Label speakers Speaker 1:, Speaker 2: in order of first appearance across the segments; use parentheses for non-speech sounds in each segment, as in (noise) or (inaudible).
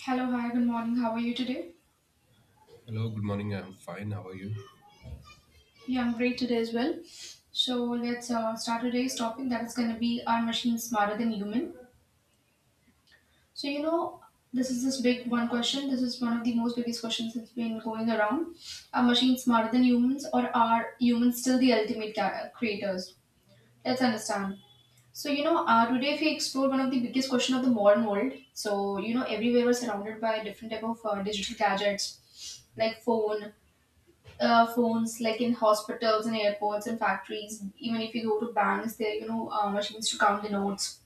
Speaker 1: Hello, hi, good morning. How are you today?
Speaker 2: Hello, good morning. I'm fine. How are you?
Speaker 1: Yeah, I'm great today as well. So let's start today's topic, that is going to be, are machines smarter than human? So you know, this is this big one question. This is one of the most biggest questions that's been going around. Are machines smarter than humans, or are humans still the ultimate creators? Let's understand. Today if we explore one of the biggest question of the modern world, everywhere we're surrounded by different type of digital gadgets like phone, phones, like in hospitals and airports and factories. Even if you go to banks, there are, machines to count the notes.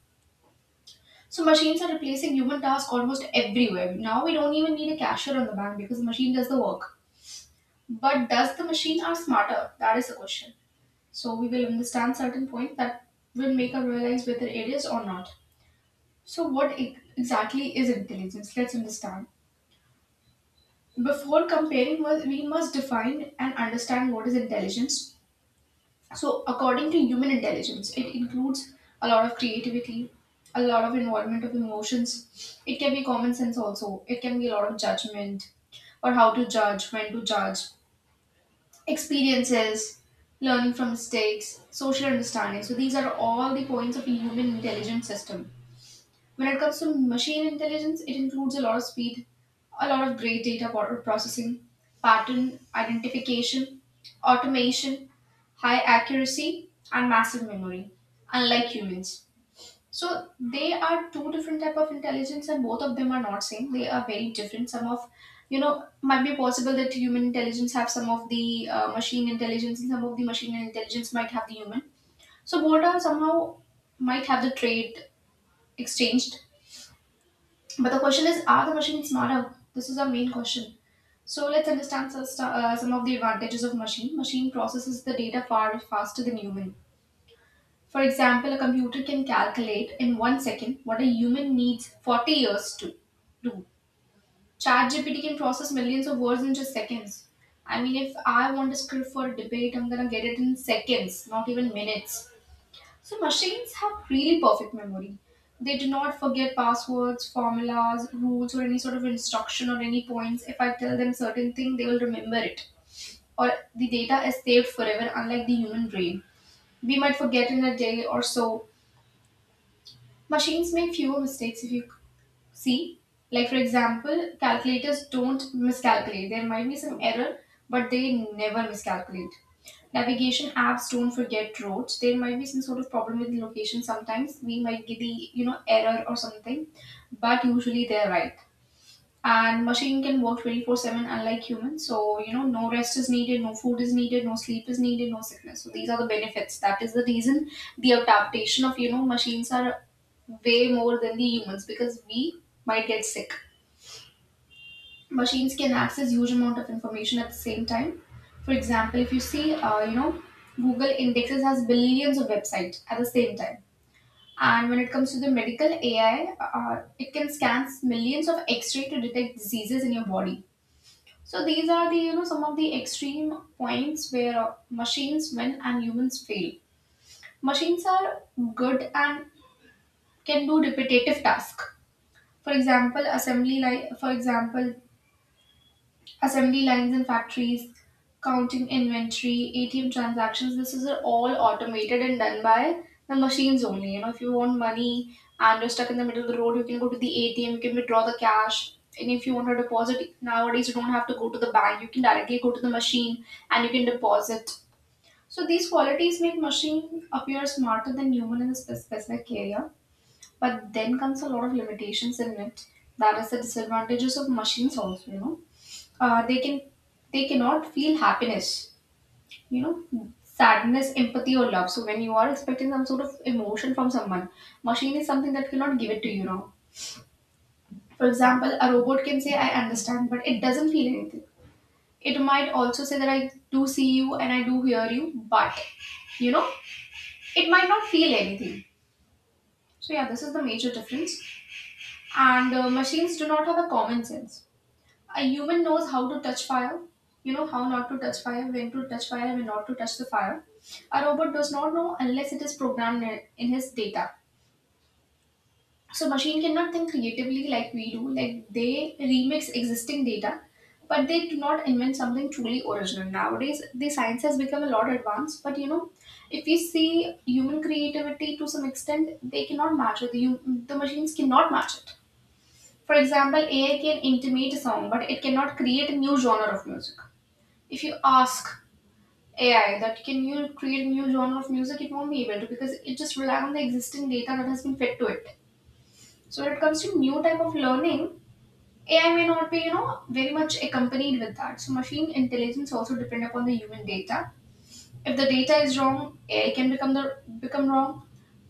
Speaker 1: So machines are replacing human tasks almost everywhere. Now we don't even need a cashier on the bank because the machine does the work. But does the machine are smarter? That is the question. So we will understand certain point that will make us realize whether it is or not. So what exactly is intelligence? Let's understand. Before comparing, we must define and understand what is intelligence. So, according to human intelligence, it includes a lot of creativity, a lot of involvement of emotions. It can be common sense also. It can be a lot of judgment, or how to judge, when to judge, experiences, learning from mistakes, social understanding. So, these are all the points of a human intelligence system. When it comes to machine intelligence, it includes a lot of speed, a lot of great data processing, pattern identification, automation, high accuracy, and massive memory, unlike humans. So they are two different type of intelligence, and both of them are not same. They are very different. Some of, might be possible that human intelligence have some of the machine intelligence, and some of the machine intelligence might have the human. So both are somehow might have the trade exchanged. But the question is, are the machines smarter? This is our main question. So let's understand. Some of the advantages of machine. Machine processes the data far faster than human. For example, a computer can calculate in 1 second what a human needs 40 years to do. ChatGPT can process millions of words in just seconds. I mean, if I want a script for a debate, I'm gonna get it in seconds, not even minutes. So machines have really perfect memory. They do not forget passwords, formulas, rules, or any sort of instruction or any points. If I tell them certain thing, they will remember it. Or the data is saved forever, unlike the human brain. We might forget in a day or so. Machines make fewer mistakes if you see, like for example, calculators don't miscalculate. There might be some error, but they never miscalculate. Navigation apps don't forget roads. There might be some sort of problem with location sometimes. We might get the, you know, error or something, but usually they're right. And machine can work 24/7, unlike humans. So you know, no rest is needed, no food is needed, no sleep is needed, no sickness. So these are the benefits. That is the reason the adaptation of, you know, machines are way more than the humans, because we might get sick. Machines can access huge amount of information at the same time. For example, if you see, Google indexes has billions of websites at the same time. And when it comes to the medical AI, it can scan millions of x-ray to detect diseases in your body. So these are the, you know, some of the extreme points where machines win and humans fail. Machines are good and can do repetitive tasks. For example, assembly line. For example, assembly lines in factories, counting inventory, ATM transactions. This is all automated and done by the machines only. You know, if you want money and you're stuck in the middle of the road, you can go to the ATM, you can withdraw the cash. And if you want to deposit, nowadays you don't have to go to the bank. You can directly go to the machine and you can deposit. So these qualities make machine appear smarter than human in a specific area. But then comes a lot of limitations in it. That is the disadvantages of machines also. They can they cannot feel happiness, you know, sadness, empathy or love. So when you are expecting some sort of emotion from someone, machine is something that cannot give it to you. Now, for example, a robot can say I understand, but it doesn't feel anything. It might also say that I do see you and I do hear you, but you know, it might not feel anything. So yeah, this is the major difference. And machines do not have a common sense. A human knows how to touch fire, you know, how not to touch fire, when to touch fire, when not to touch the fire. A robot does not know unless it is programmed in his data. So machine cannot think creatively like we do. Like, they remix existing data, but they do not invent something truly original. Nowadays the science has become a lot advanced, but you know, if we see human creativity to some extent, they cannot match it, the machines cannot match it. For example, AI can intimate a song, but it cannot create a new genre of music. If you ask AI that can you create a new genre of music, it won't be able to, because it just relies on the existing data that has been fed to it. So when it comes to new type of learning, AI may not be, you know, very much accompanied with that. So machine intelligence also depend upon the human data. If the data is wrong, AI can become the become wrong.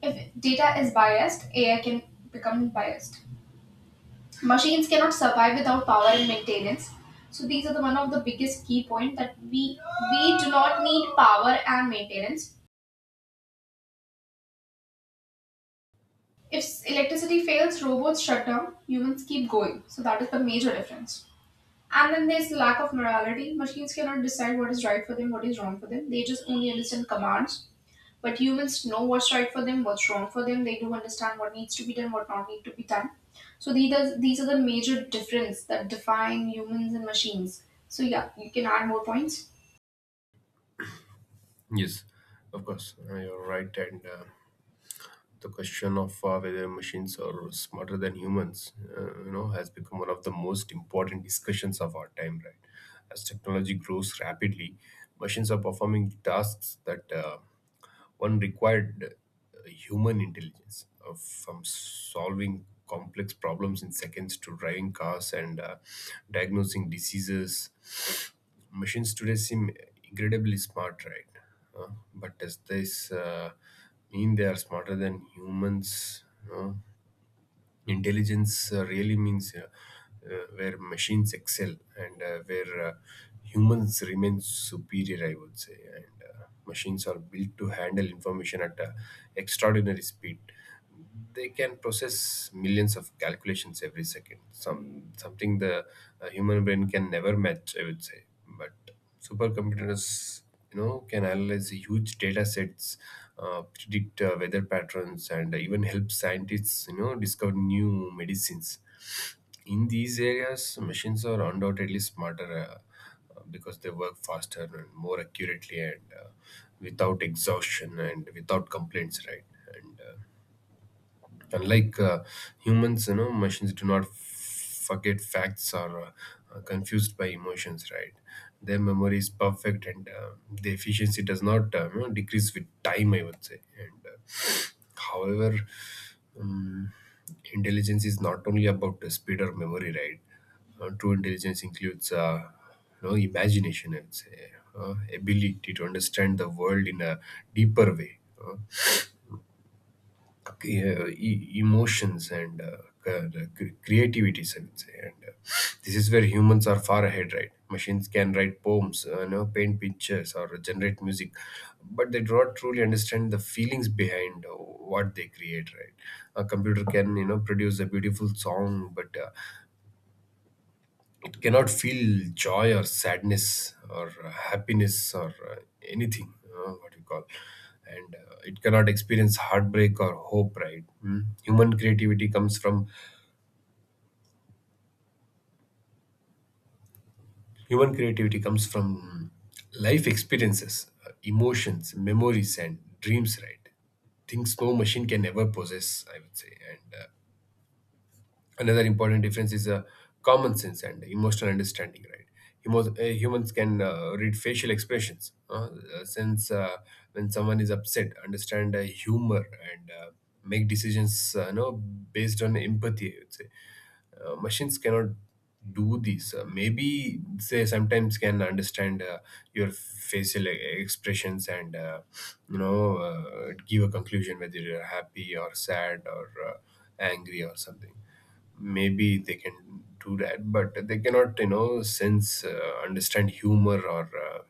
Speaker 1: If data is biased, AI can become biased. Machines cannot survive without power and maintenance. So these are the one of the biggest key point that we do not need power and maintenance. If electricity fails, robots shut down, humans keep going. So that is the major difference. And then there's the lack of morality. Machines cannot decide what is right for them, what is wrong for them. They just only understand commands. But humans know what's right for them, what's wrong for them. They do understand what needs to be done, what not need to be done. So these are the major difference that define humans and machines. So yeah, you can add more points.
Speaker 2: Yes, of course, you're right. And the question of whether machines are smarter than humans, has become one of the most important discussions of our time, right? As technology grows rapidly, machines are performing tasks that one required human intelligence, from solving complex problems in seconds to driving cars and diagnosing diseases. Machines today seem incredibly smart, right? Uh, but does this mean they are smarter than humans? No? Intelligence really means where machines excel and where humans remain superior, I would say. And machines are built to handle information at extraordinary speed. They can process millions of calculations every second. Something the human brain can never match, I would say. But supercomputers, can analyze huge data sets, predict weather patterns, and even help scientists, discover new medicines. In these areas, machines are undoubtedly smarter, because they work faster and more accurately, and without exhaustion and without complaints, right? and Unlike humans, machines do not forget facts or are confused by emotions, right? Their memory is perfect, and the efficiency does not, decrease with time, I would say. And uh, however, um, intelligence is not only about the speed or memory, right? True intelligence includes, imagination, I would say, ability to understand the world in a deeper way. uh, Emotions and the creativities, I would say. And this is where humans are far ahead, right? Machines can write poems, paint pictures, or generate music, but they do not truly understand the feelings behind what they create, right? A computer can, produce a beautiful song, but it cannot feel joy or sadness or happiness or anything, what you call, and it cannot experience heartbreak or hope, right? Hmm. human creativity comes from Human creativity comes from life experiences, emotions, memories, and dreams, right? Things no machine can ever possess, I would say. And another important difference is common sense and emotional understanding, right? Humans can read facial expressions, since, when someone is upset, understand humor, and make decisions, based on empathy, I would say. Machines cannot do these, maybe they sometimes can understand your facial expressions and, give a conclusion whether you're happy or sad or angry or something. Maybe they can do that, but they cannot, sense, understand humor, or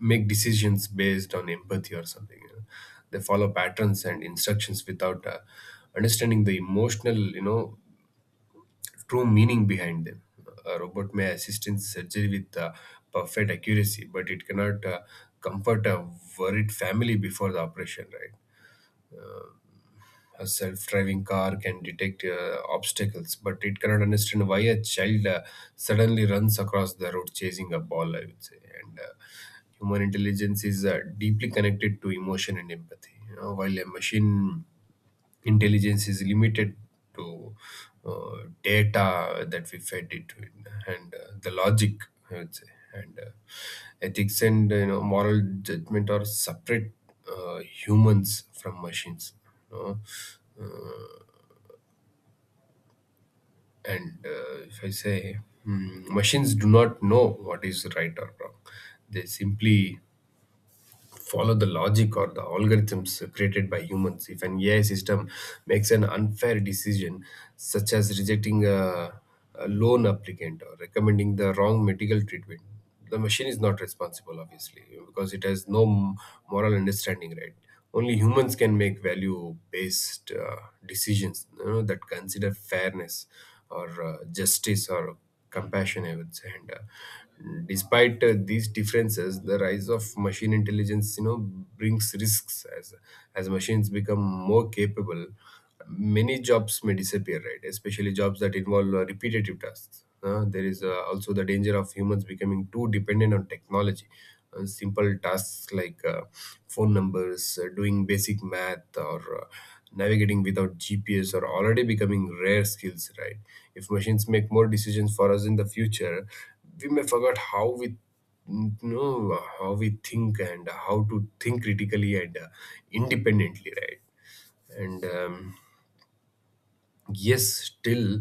Speaker 2: make decisions based on empathy or something, They follow patterns and instructions without understanding the emotional, true meaning behind them. A robot may assist in surgery with perfect accuracy, but it cannot comfort a worried family before the operation, right? A self driving car can detect obstacles, but it cannot understand why a child suddenly runs across the road chasing a ball, I would say. And human intelligence is deeply connected to emotion and empathy. While a machine intelligence is limited to uh, data that we fed it with, and the logic, I would say. And ethics and, moral judgment are separate uh, humans from machines, you know Uh, and if I say, mm, machines do not know what is right or wrong. They simply follow the logic or the algorithms created by humans. If an AI system makes an unfair decision, such as rejecting a loan applicant or recommending the wrong medical treatment, the machine is not responsible, obviously, because it has no moral understanding, right? Only humans can make value based decisions, that consider fairness or justice or compassion, I would say. And despite these differences, the rise of machine intelligence, brings risks. As machines become more capable, many jobs may disappear, right? Especially jobs that involve repetitive tasks. There is also the danger of humans becoming too dependent on technology. Simple tasks like phone numbers, doing basic math, or navigating without GPS are already becoming rare skills, right? If machines make more decisions for us in the future, we may forget how we think and how to think critically and independently, right? and Yes, still,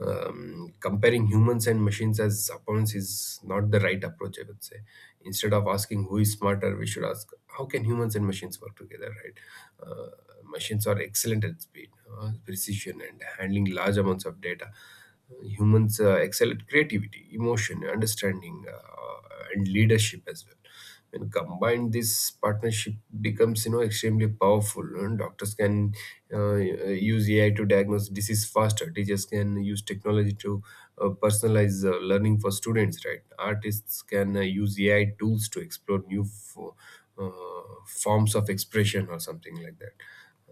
Speaker 2: comparing humans and machines as opponents is not the right approach, I would say. Instead of asking who is smarter, we should ask how can humans and machines work together, right? uh, Machines are excellent at speed, precision, and handling large amounts of data. Uh, Humans excel at creativity, emotion, understanding, and leadership as well. When combined, this partnership becomes, extremely powerful. And doctors can use AI to diagnose disease faster, teachers can use technology to personalize learning for students, right? Artists can use AI tools to explore new uh, forms of expression or something like that.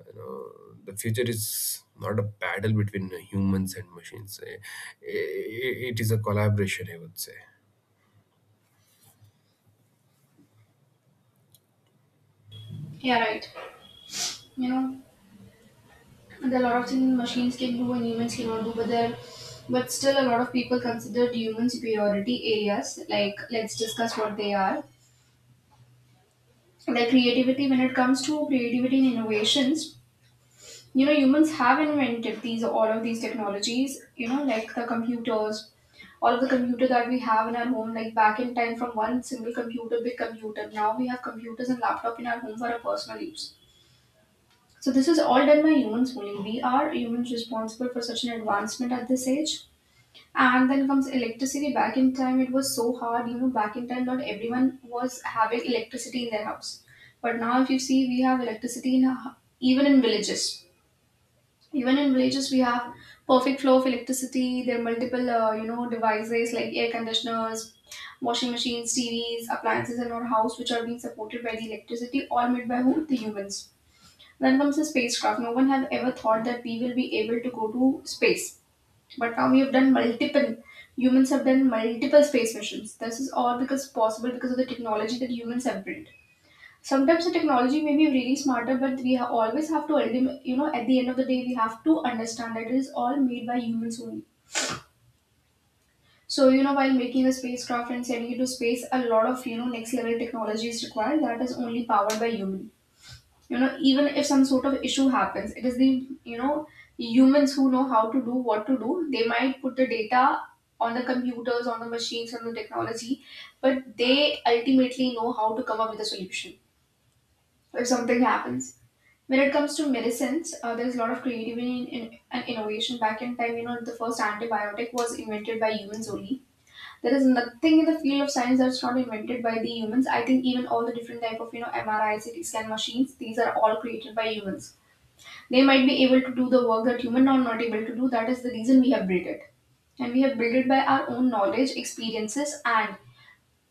Speaker 2: The future is not a battle between humans and machines. It is a collaboration, I would say.
Speaker 1: Yeah, right. You know, there are a lot of things machines can do and humans cannot do, but still a lot of people consider human superiority areas. Like, let's discuss what they are. The creativity, when it comes to creativity and innovations, you know, humans have invented these all of these technologies, you know, like the computers. All of the computer that we have in our home, like back in time, from one single computer, big computer, now we have computers and laptop in our home for our personal use. So this is all done by humans only. We are humans responsible for such an advancement at this age. And then comes electricity. Back in time, it was so hard. You know, back in time, not everyone was having electricity in their house. But now, if you see, we have electricity in our, even in villages. Even in villages, we have perfect flow of electricity. There are multiple, you know, devices like air conditioners, washing machines, TVs, appliances in our house, which are being supported by the electricity, all made by whom? The humans. Then comes the spacecraft. No one had ever thought that we will be able to go to space, but now we have done multiple, humans have done multiple space missions. This is all because possible because of the technology that humans have built. Sometimes the technology may be really smarter, but always have to, you know, at the end of the day, we have to understand that it is all made by humans only. So, while making a spacecraft and sending it to space, a lot of, next level technology is required that is only powered by humans. Even if some sort of issue happens, it is the you know humans who know how to do what to do. They might put the data on the computers, on the machines, on the technology, but they ultimately know how to come up with a solution if something happens. When it comes to medicines, there's a lot of creativity and innovation. Back in time, the first antibiotic was invented by humans only. There is nothing in the field of science that's not invented by the humans. I think even all the different type of MRI, CT scan machines, these are all created by humans. They might be able to do the work that human are not able to do. That is the reason we have built it. And we have built it by our own knowledge, experiences, and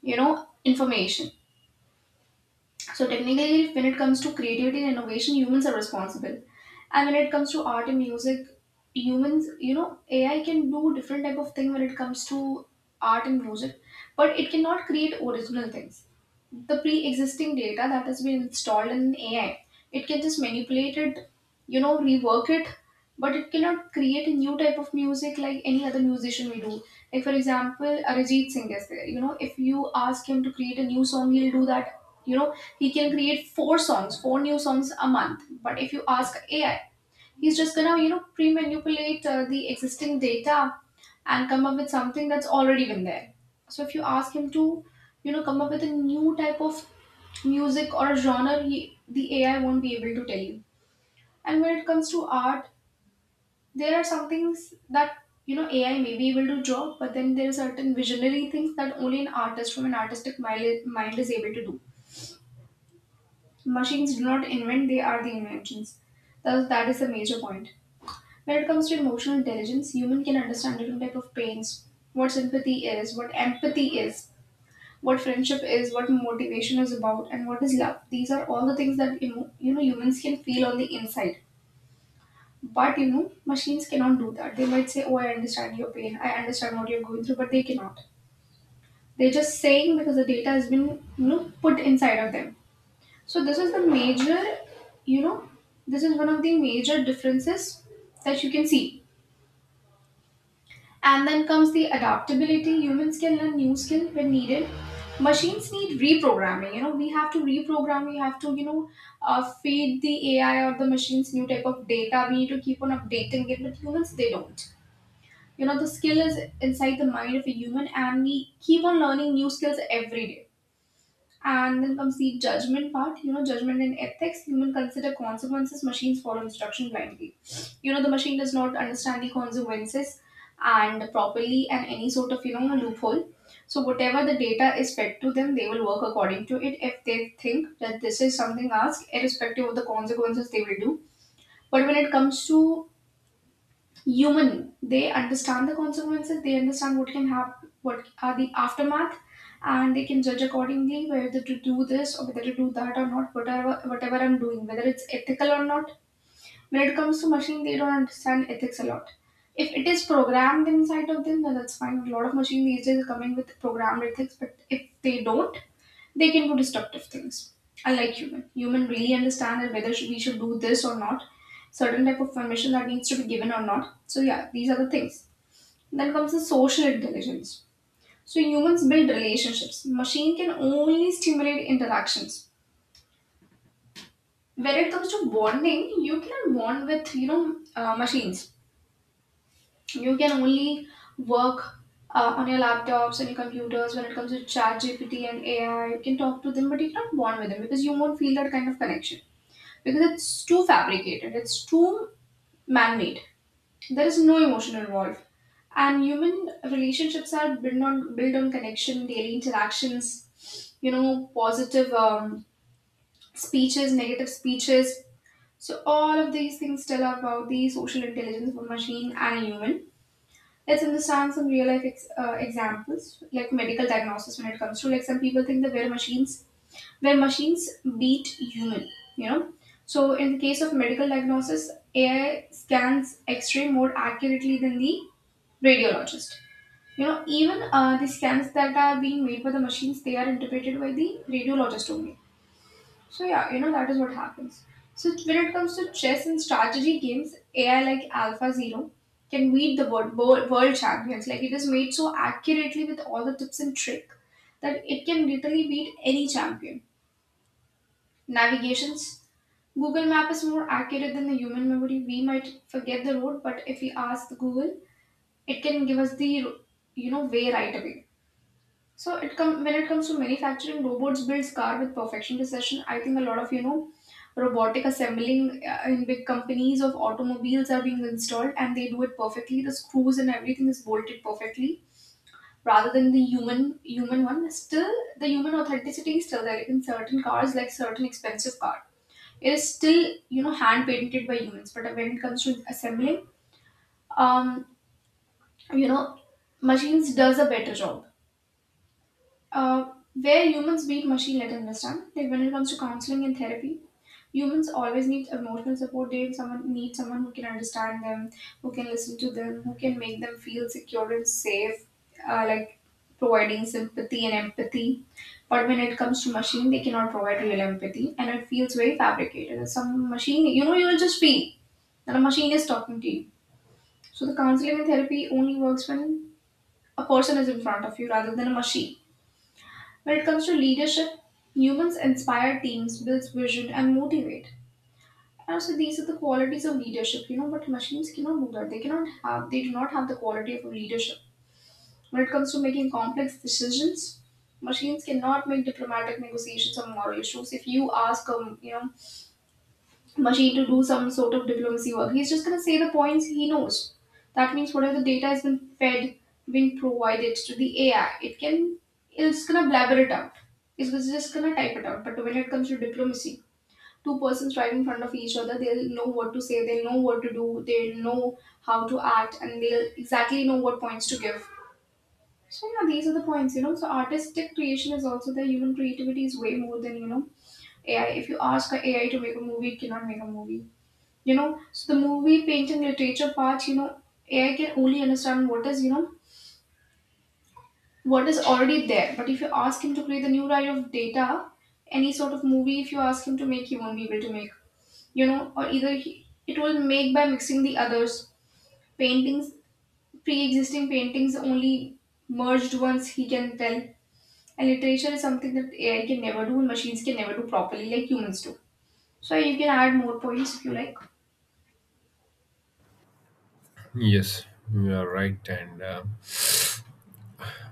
Speaker 1: information. So technically, when it comes to creativity and innovation, humans are responsible. And when it comes to art and music, humans, AI can do different type of thing when it comes to art and music, but it cannot create original things. The pre-existing data that has been installed in AI, it can just manipulate it, rework it, but it cannot create a new type of music like any other musician we do. Like for example, Arijit Singh is there. You know, if you ask him to create a new song, he'll do that. You know, he can create four songs, four new songs a month. But if you ask AI, he's just gonna pre-manipulate the existing data and come up with something that's already been there. So if you ask him to, come up with a new type of music or a genre, the AI won't be able to tell you. And when it comes to art, there are some things that AI may be able to draw, but then there are certain visionary things that only an artist from an mind is able to do. Machines do not invent; they are the inventions. That is the major point. When it comes to emotional intelligence, human can understand different type of pains, what sympathy is, what empathy is, what friendship is, what motivation is about, and what is love. These are all the things that humans can feel on the inside. But you know, machines cannot do that. They might say, "Oh, I understand your pain. I understand what you're going through," but they cannot. They're just saying because the data has been, put inside of them. So this is the major, you know, this is one of the major differences that you can see. And then comes the adaptability. Humans can learn new skill when needed. Machines need reprogramming. You know, we have to reprogram. We have to, feed the AI or the machines new type of data. We need to keep on updating it. But humans, they don't. The skill is inside the mind of a human, and we keep on learning new skills every day. And then comes the judgment part. You know, judgment and ethics: human consider consequences, machines follow instruction blindly. You know, the machine does not understand the consequences and properly, and any sort of loophole. So whatever the data is fed to them, they will work according to it. If they think that this is something asked, irrespective of the consequences, they will do. But when it comes to human, they understand the consequences. They understand what can happen, what are the aftermath, and they can judge accordingly whether to do this or whether to do that or not, whatever, I'm doing, whether it's ethical or not. When it comes to machine, they don't understand ethics a lot. If it is programmed inside of them, then that's fine. A lot of machine these days are coming with programmed ethics, but if they don't, they can do destructive things. Unlike human, human really understand that we should do this or not, certain type of permission that needs to be given or not. So yeah, these are the things. Then comes the social intelligence. So humans build relationships. Machine can only stimulate interactions. When it comes to bonding, you cannot bond with machines. You can only work on your laptops and your computers. When it comes to chat GPT and AI, you can talk to them, but you cannot bond with them because you won't feel that kind of connection, because it's too fabricated, it's too man made. There is no emotion involved. And human relationships are built on connection, daily interactions, positive speeches, negative speeches. So all of these things tell about the social intelligence of a machine and a human. Let's understand some examples, like medical diagnosis. When it comes to, like, some people think that we're machines where machines beat human, you know so in the case of medical diagnosis, AI scans X-ray more accurately than the radiologist. You know, even the scans that are being made by the machines, they are interpreted by the radiologist only. So yeah, you know, that is what happens. When it comes to chess and strategy games, AI like Alpha Zero can beat the world champions. Like, it is made so accurately with all the tips and trick that it can literally beat any champion. Navigations: Google Map is more accurate than the human memory. We might forget the route, but if we ask the Google, it can give us the way right away. So it come when it comes to manufacturing, robots builds car with perfection precision. I think a lot of robotic assembling in big companies of automobiles are being installed, and they do it perfectly. The screws and everything is bolted perfectly rather than the human human one. Still, the human authenticity is still there. Like, in certain cars, like certain expensive cars, it is still hand painted by humans. But when it comes to assembling, um you know machines does a better job. uh, where humans beat machine, let us understand. Like, when it comes to counseling and therapy, humans always need emotional support. They Someone need someone who can understand them, who can listen to them, who can make them feel secure and safe, like providing sympathy and empathy. But when it comes to machine, they cannot provide real empathy, and it feels very fabricated. Some machine, you know, you will just feel that a machine is talking to you. So the counseling and therapy only works when a person is in front of you rather than a machine. When it comes to leadership, humans inspire teams, builds vision, and motivate. And so these are the qualities of leadership, you know, but machines cannot do that. They do not have the quality of leadership. When it comes to making complex decisions, machines cannot make diplomatic negotiations or moral issues. If you ask machine to do some sort of diplomacy work, he's just going to say the points he knows. That means whatever the data has been provided to the AI, it's going to blabber it out. It's just going to type it out. But when it comes to diplomacy, two persons right in front of each other, they'll know what to say, they'll know what to do, they'll know how to act, and they'll exactly know what points to give. So yeah, these are the points, you know. So artistic creation is also there. Human creativity is way more than AI. If you ask a AI to make a movie, it cannot make a movie. You know, so the movie painting literature part, AI can only understand what is, what is already there. But if you ask him to create the new kind of data, any sort of movie, if you ask him to make, he won't be able to make, or either it will make by mixing the others. Paintings, pre existing paintings, only merged ones he can tell. And literature is something that AI can never do and machines can never do properly like humans do. So you can add more points if you like.
Speaker 2: Yes, you are right. And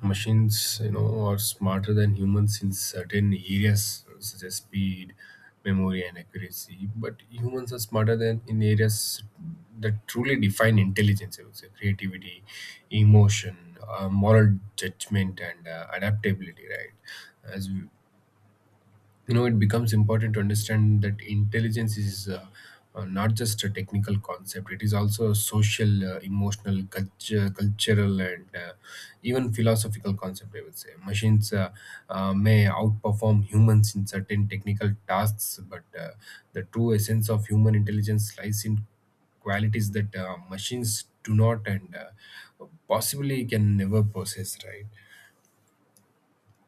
Speaker 2: machines, are smarter than humans in certain areas such as speed, memory, and accuracy. But humans are smarter than in areas that truly define intelligence, I would say. Creativity, emotion, moral judgment, and adaptability, right? As we, it becomes important to understand that intelligence is, not just a technical concept. It is also a social, emotional, cultural, and even philosophical concept, I would say. Machines, may outperform humans in certain technical tasks, but the true essence of human intelligence lies in qualities that machines do not, and possibly can never possess, right?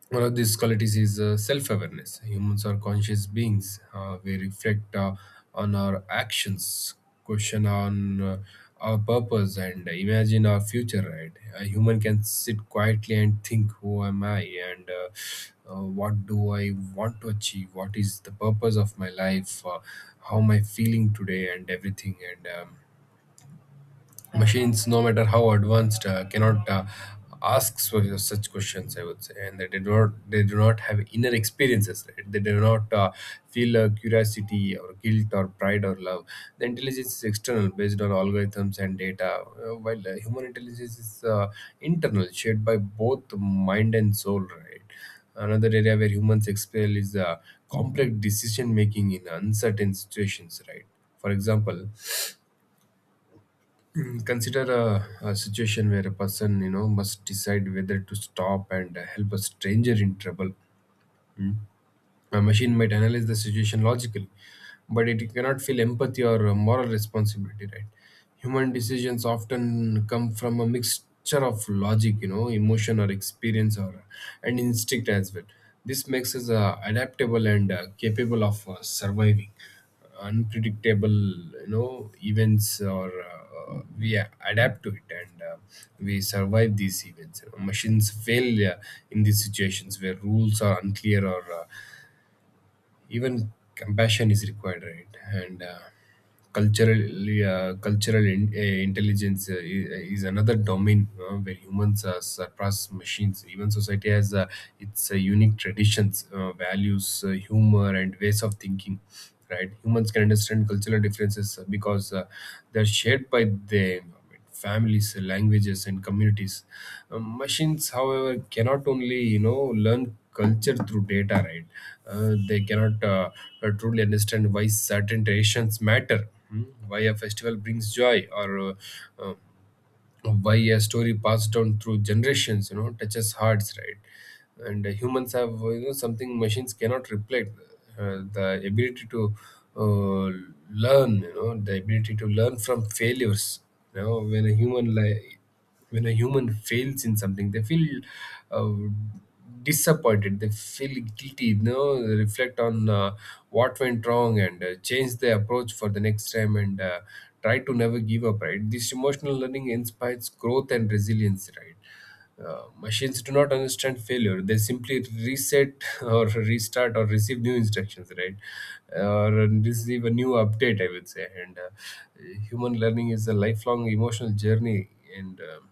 Speaker 2: One of these qualities is self awareness. Humans are conscious beings. We reflect on our actions, question on our purpose, and imagine our future, right? A human can sit quietly and think, Who am I? And what do I want to achieve? What is the purpose of my life? How am I feeling today? And everything. And Machines, no matter how advanced, cannot ask such questions, I would say. And they do not have inner experiences, right? They do not feel curiosity or guilt or pride or love. The intelligence is external, based on algorithms and data, while human intelligence is internal, shaped by both mind and soul, right? Another area where humans excel is complex decision making in uncertain situations, right? For example, consider a situation where a person, must decide whether to stop and help a stranger in trouble. Mm. A machine might analyze the situation logically, but it cannot feel empathy or moral responsibility, right? Human decisions often come from a mixture of logic, emotion or experience or and instinct as well. This makes us adaptable and capable of surviving unpredictable, events, or we adapt to it, and we survive these events. Machines fail in these situations where rules are unclear or even compassion is required, right? And culturally, intelligence is another domain where humans surpass machines. Even society has its unique traditions, values, humor, and ways of thinking, right? Humans can understand cultural differences because they're shared by the environment, families, languages, and communities. Machines, however, cannot only, learn culture through data, right? They cannot, truly understand why certain traditions matter, why a festival brings joy, or uh, why a story passed down through generations, touches hearts, right? And humans have, something machines cannot replace, the ability to uh, learn, the ability to learn from failures. When when a human fails in something, they feel uh, disappointed, they feel guilty, reflect on what went wrong, and change their approach for the next time, and try to never give up, right? This emotional learning inspires growth and resilience, right? Machines do not understand failure. They simply reset (laughs) or restart or receive new instructions, right? Or receive a new update, I would say. And human learning is a lifelong emotional journey. And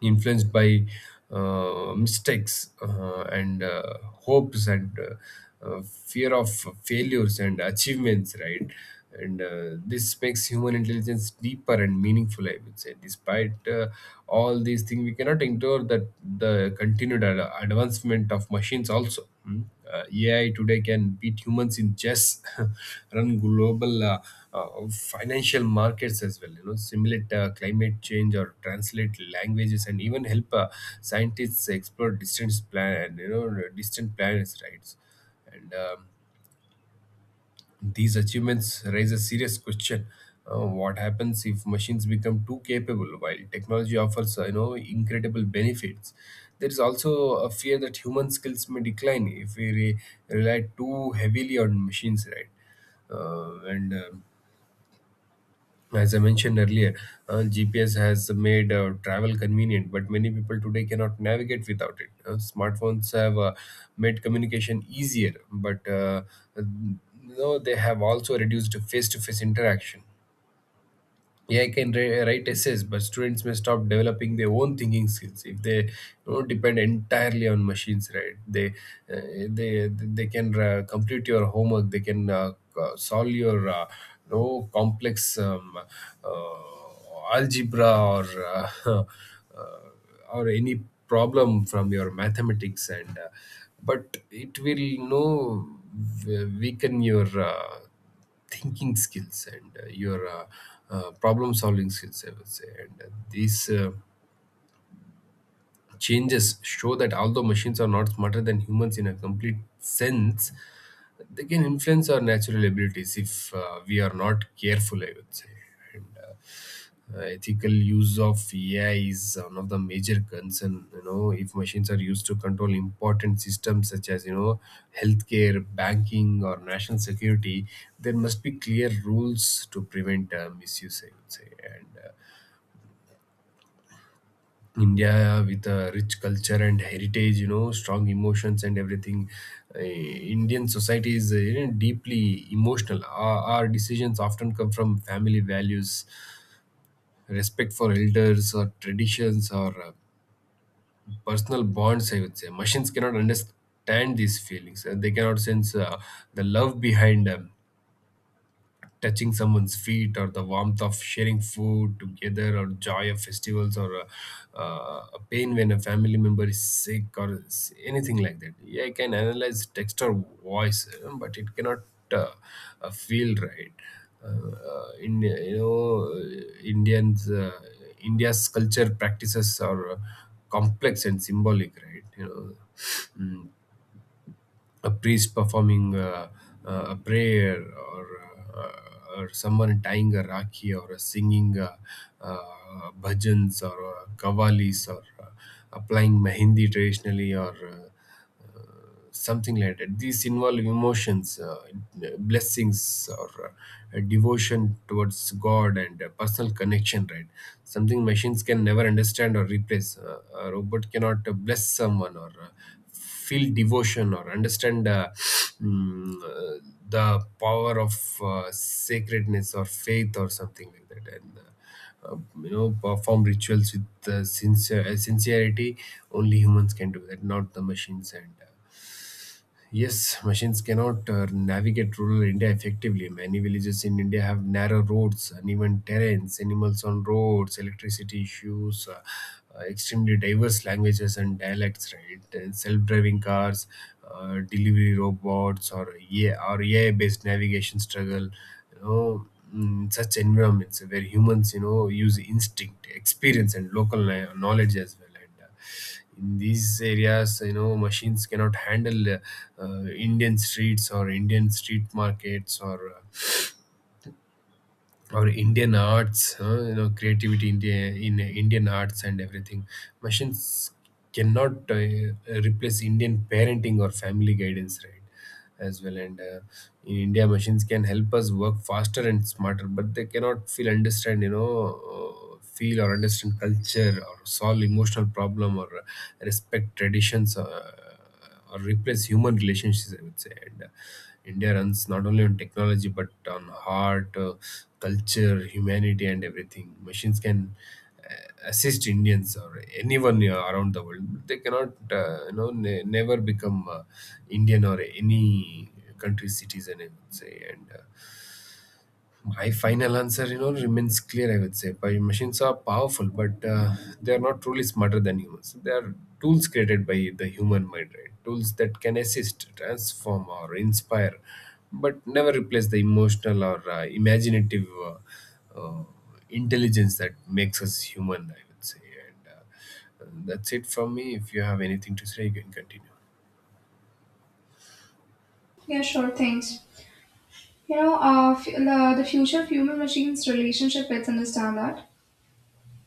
Speaker 2: influenced by mistakes and hopes and fear of failures and achievements, right? And This makes human intelligence deeper and meaningful, I would say. Despite all these things, we cannot ignore that the continued advancement improvement of machines also. Mm. AI today can beat humans in chess, (laughs) run global financial markets as well. You know, simulate climate change or translate languages, and even help scientists explore distant distant planets, right? And These achievements raise a serious question. What happens if machines become too capable? While technology offers incredible benefits, there is also a fear that human skills may decline if we rely too heavily on machines, right? And As I mentioned earlier, GPS has made travel convenient, but many people today cannot navigate without it. Smartphones have made communication easier, but uh, no, they have also reduced face to face interaction. AI can write essays, but students may stop developing their own thinking skills if they depend entirely on machines. Right? They can complete your homework. They can solve your complex uh, algebra or (laughs) uh, or any problem from your mathematics. And uh, but it will you know weaken your thinking skills and your problem solving skills, I would say. And these changes show that although machines are not smarter than humans in a complete sense, they can influence our natural abilities if we are not careful, I would say. And ethical use of AI is one of the major concern you know If machines are used to control important systems such as, you know, healthcare, banking, or national security, there must be clear rules to prevent misuse, I would say. And India, with a rich culture and heritage, you know, strong emotions and everything. Indian society is, you know, deeply emotional. Our decisions often come from family values, respect for elders, or traditions, or personal bonds, I would say. Machines cannot understand these feelings. They cannot sense the love behind them, touching someone's feet, or the warmth of sharing food together, or joy of festivals, or a pain when a family member is sick or anything like that. Yeah, I can analyze text or voice, but it cannot uh, feel, right? In you know uh, indians India's culture practices are complex and symbolic, right? You know. Mm, a priest performing a prayer, uh, or someone tying a rakhi, or a singing bhajans, or kavalis, or applying mehendi traditionally, or something like that. These involve emotions, blessings, or devotion towards God, and personal connection, right? Something machines can never understand or replace. A robot cannot bless someone, or feel devotion, or understand mm, uh, the power of sacredness or faith or something like that. And uh, you know, perform rituals with sincerity. Only humans can do that, not the machines. And Yes, machines cannot navigate rural India effectively. Many villages in India have narrow roads, uneven terrains, animals on roads, electricity issues, extremely diverse languages and dialects, right? And self-driving cars, delivery robots, or AI, or AI-based navigation struggle. You know, in such environments where humans, you know, use instinct, experience, and local knowledge as well. And in these areas, you know, machines cannot handle uh, Indian streets, or Indian street markets, or Indian arts, you know, creativity in, in Indian arts and everything. Machines cannot replace Indian parenting or family guidance, right? As well. And In India, machines can help us work faster and smarter, but they cannot feel understand, you know, feel or understand culture, or solve emotional problem, or respect traditions. Or replace human relationships, I would say. And India runs not only on technology but on heart, culture, humanity, and everything. Machines can uh, assist Indians or anyone around the world, but they cannot, never become Indian or any country's citizen, I would say. And My final answer, you know, remains clear, I would say. But machines are powerful, but they are not truly smarter than humans. They are tools created by the human mind, right? Tools that can assist, transform, or inspire, but never replace the emotional or imaginative uh, intelligence that makes us human, I would say. And That's it from me. If you have anything to say, you can continue.
Speaker 1: Yeah, sure, thanks. You know, the future of human machines relationship, let's understand that.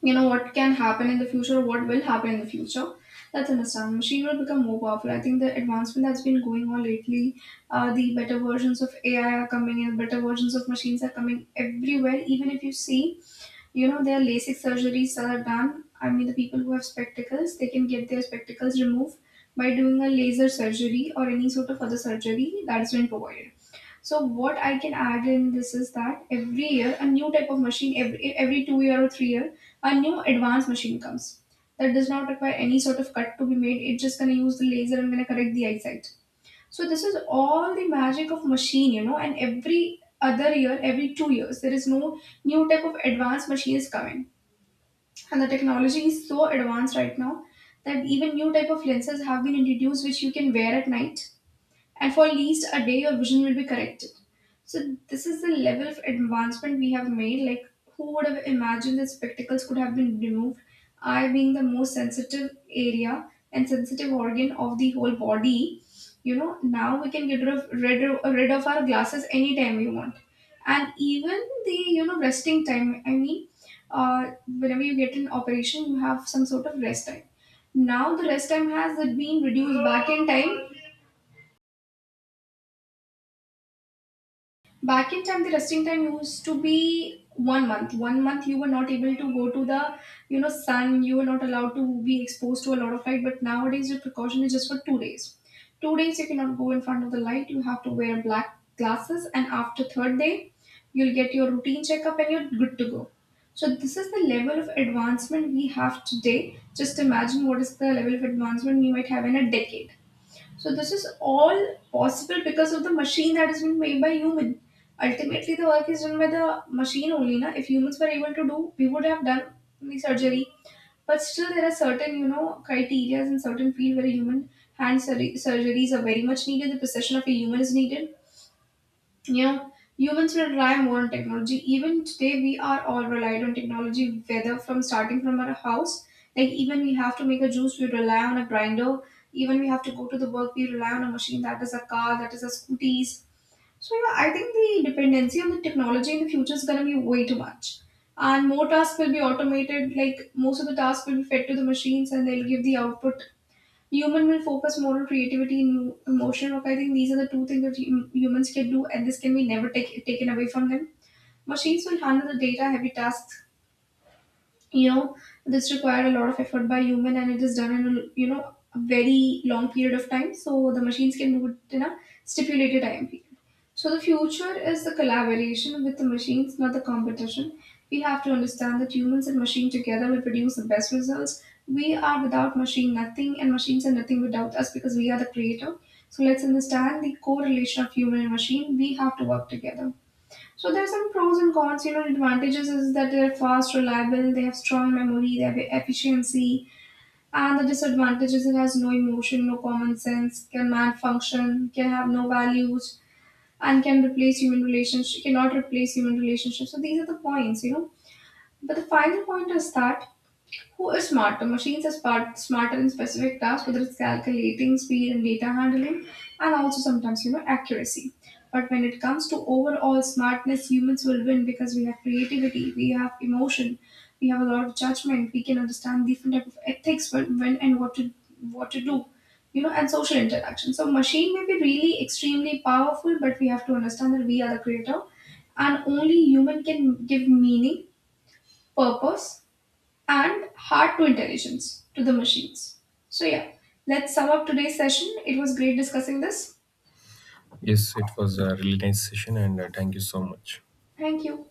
Speaker 1: You know, what can happen in the future, what will happen in the future. Let's understand. Machine will become more powerful. I think the advancement that's been going on lately, the better versions of AI are coming and better versions of machines are coming everywhere. Even if you see, you know, there are LASIK surgeries that are done. I mean, the people who have spectacles, they can get their spectacles removed by doing a laser surgery or any sort of other surgery that has been provided. So what I can add in this is that every year a new type of machine, every 2 years or 3 years, a new advanced machine comes that does not require any sort of cut to be made. It's just gonna use the laser and gonna correct the eyesight. So this is all the magic of machine, you know. And every other year, every 2 years, there is no new type of advanced machines coming. And the technology is so advanced right now that even new type of lenses have been introduced, which you can wear at night, and for at least a day your vision will be corrected. So this is the level of advancement we have made. Like, who would have imagined that spectacles could have been removed, eye being the most sensitive area and sensitive organ of the whole body? You know, now we can get rid of our glasses anytime we want. And even the, you know, resting time, I mean, uh, whenever you get an operation you have some sort of rest time. Now the rest time has been reduced. Back in time, back in time, the resting time used to be 1 month. 1 month you were not able to go to the, you know, sun. You were not allowed to be exposed to a lot of light. But nowadays, the precaution is just for 2 days. 2 days you cannot go in front of the light. You have to wear black glasses, and after third day, you'll get your routine checkup and you're good to go. So this is the level of advancement we have today. Just imagine what is the level of advancement we might have in a decade. So this is all possible because of the machine that has been made by human. Ultimately, the work is done by the machine only. Na? If humans were able to do, we would have done the surgery. But still, there are certain, you know, criteria in certain field where human surgeries are very much needed. The precision of a human is needed. Yeah, humans will rely more on technology. Even today, we are all relied on technology, whether from starting from our house. Like, even we have to make a juice, we rely on a grinder. Even we have to go to the work, we rely on a machine, that is a car, that is a scooties. So yeah, I think the dependency on the technology in the future is gonna be way too much. And more tasks will be automated, like most of the tasks will be fed to the machines and they'll give the output. Human will focus more on creativity and emotional work. I think these are the two things that humans can do, and this can be never taken away from them. Machines will handle the data heavy tasks. You know, this required a lot of effort by human and it is done in a you know, a very long period of time, so the machines can do it in a stipulated time period. So the future is the collaboration with the machines, not the competition. We have to understand that humans and machine together will produce the best results. We are without machine nothing, and machines are nothing without us, because we are the creator. So let's understand the correlation of human and machine. We have to work together. So there are some pros and cons. You know, advantages is that they're fast, reliable, they have strong memory, they have efficiency, and the disadvantages, it has no emotion, no common sense, can malfunction, can have no values, and cannot replace human relationships. So these are the points, you know. But the final point is that, who is smarter? Machines are smarter in specific tasks, whether it's calculating, speed, and data handling, and also sometimes, you know, accuracy. But when it comes to overall smartness, humans will win because we have creativity, we have emotion, we have a lot of judgment, we can understand different type of ethics, when and what to do, you know, and social interaction. So machine may be really extremely powerful, but we have to understand that we are the creator, and only human can give meaning, purpose, and hard to intelligence to the machines. So, yeah, let's sum up today's session. It was great discussing this.
Speaker 2: Yes, it was a really nice session, and thank you so much.
Speaker 1: Thank you.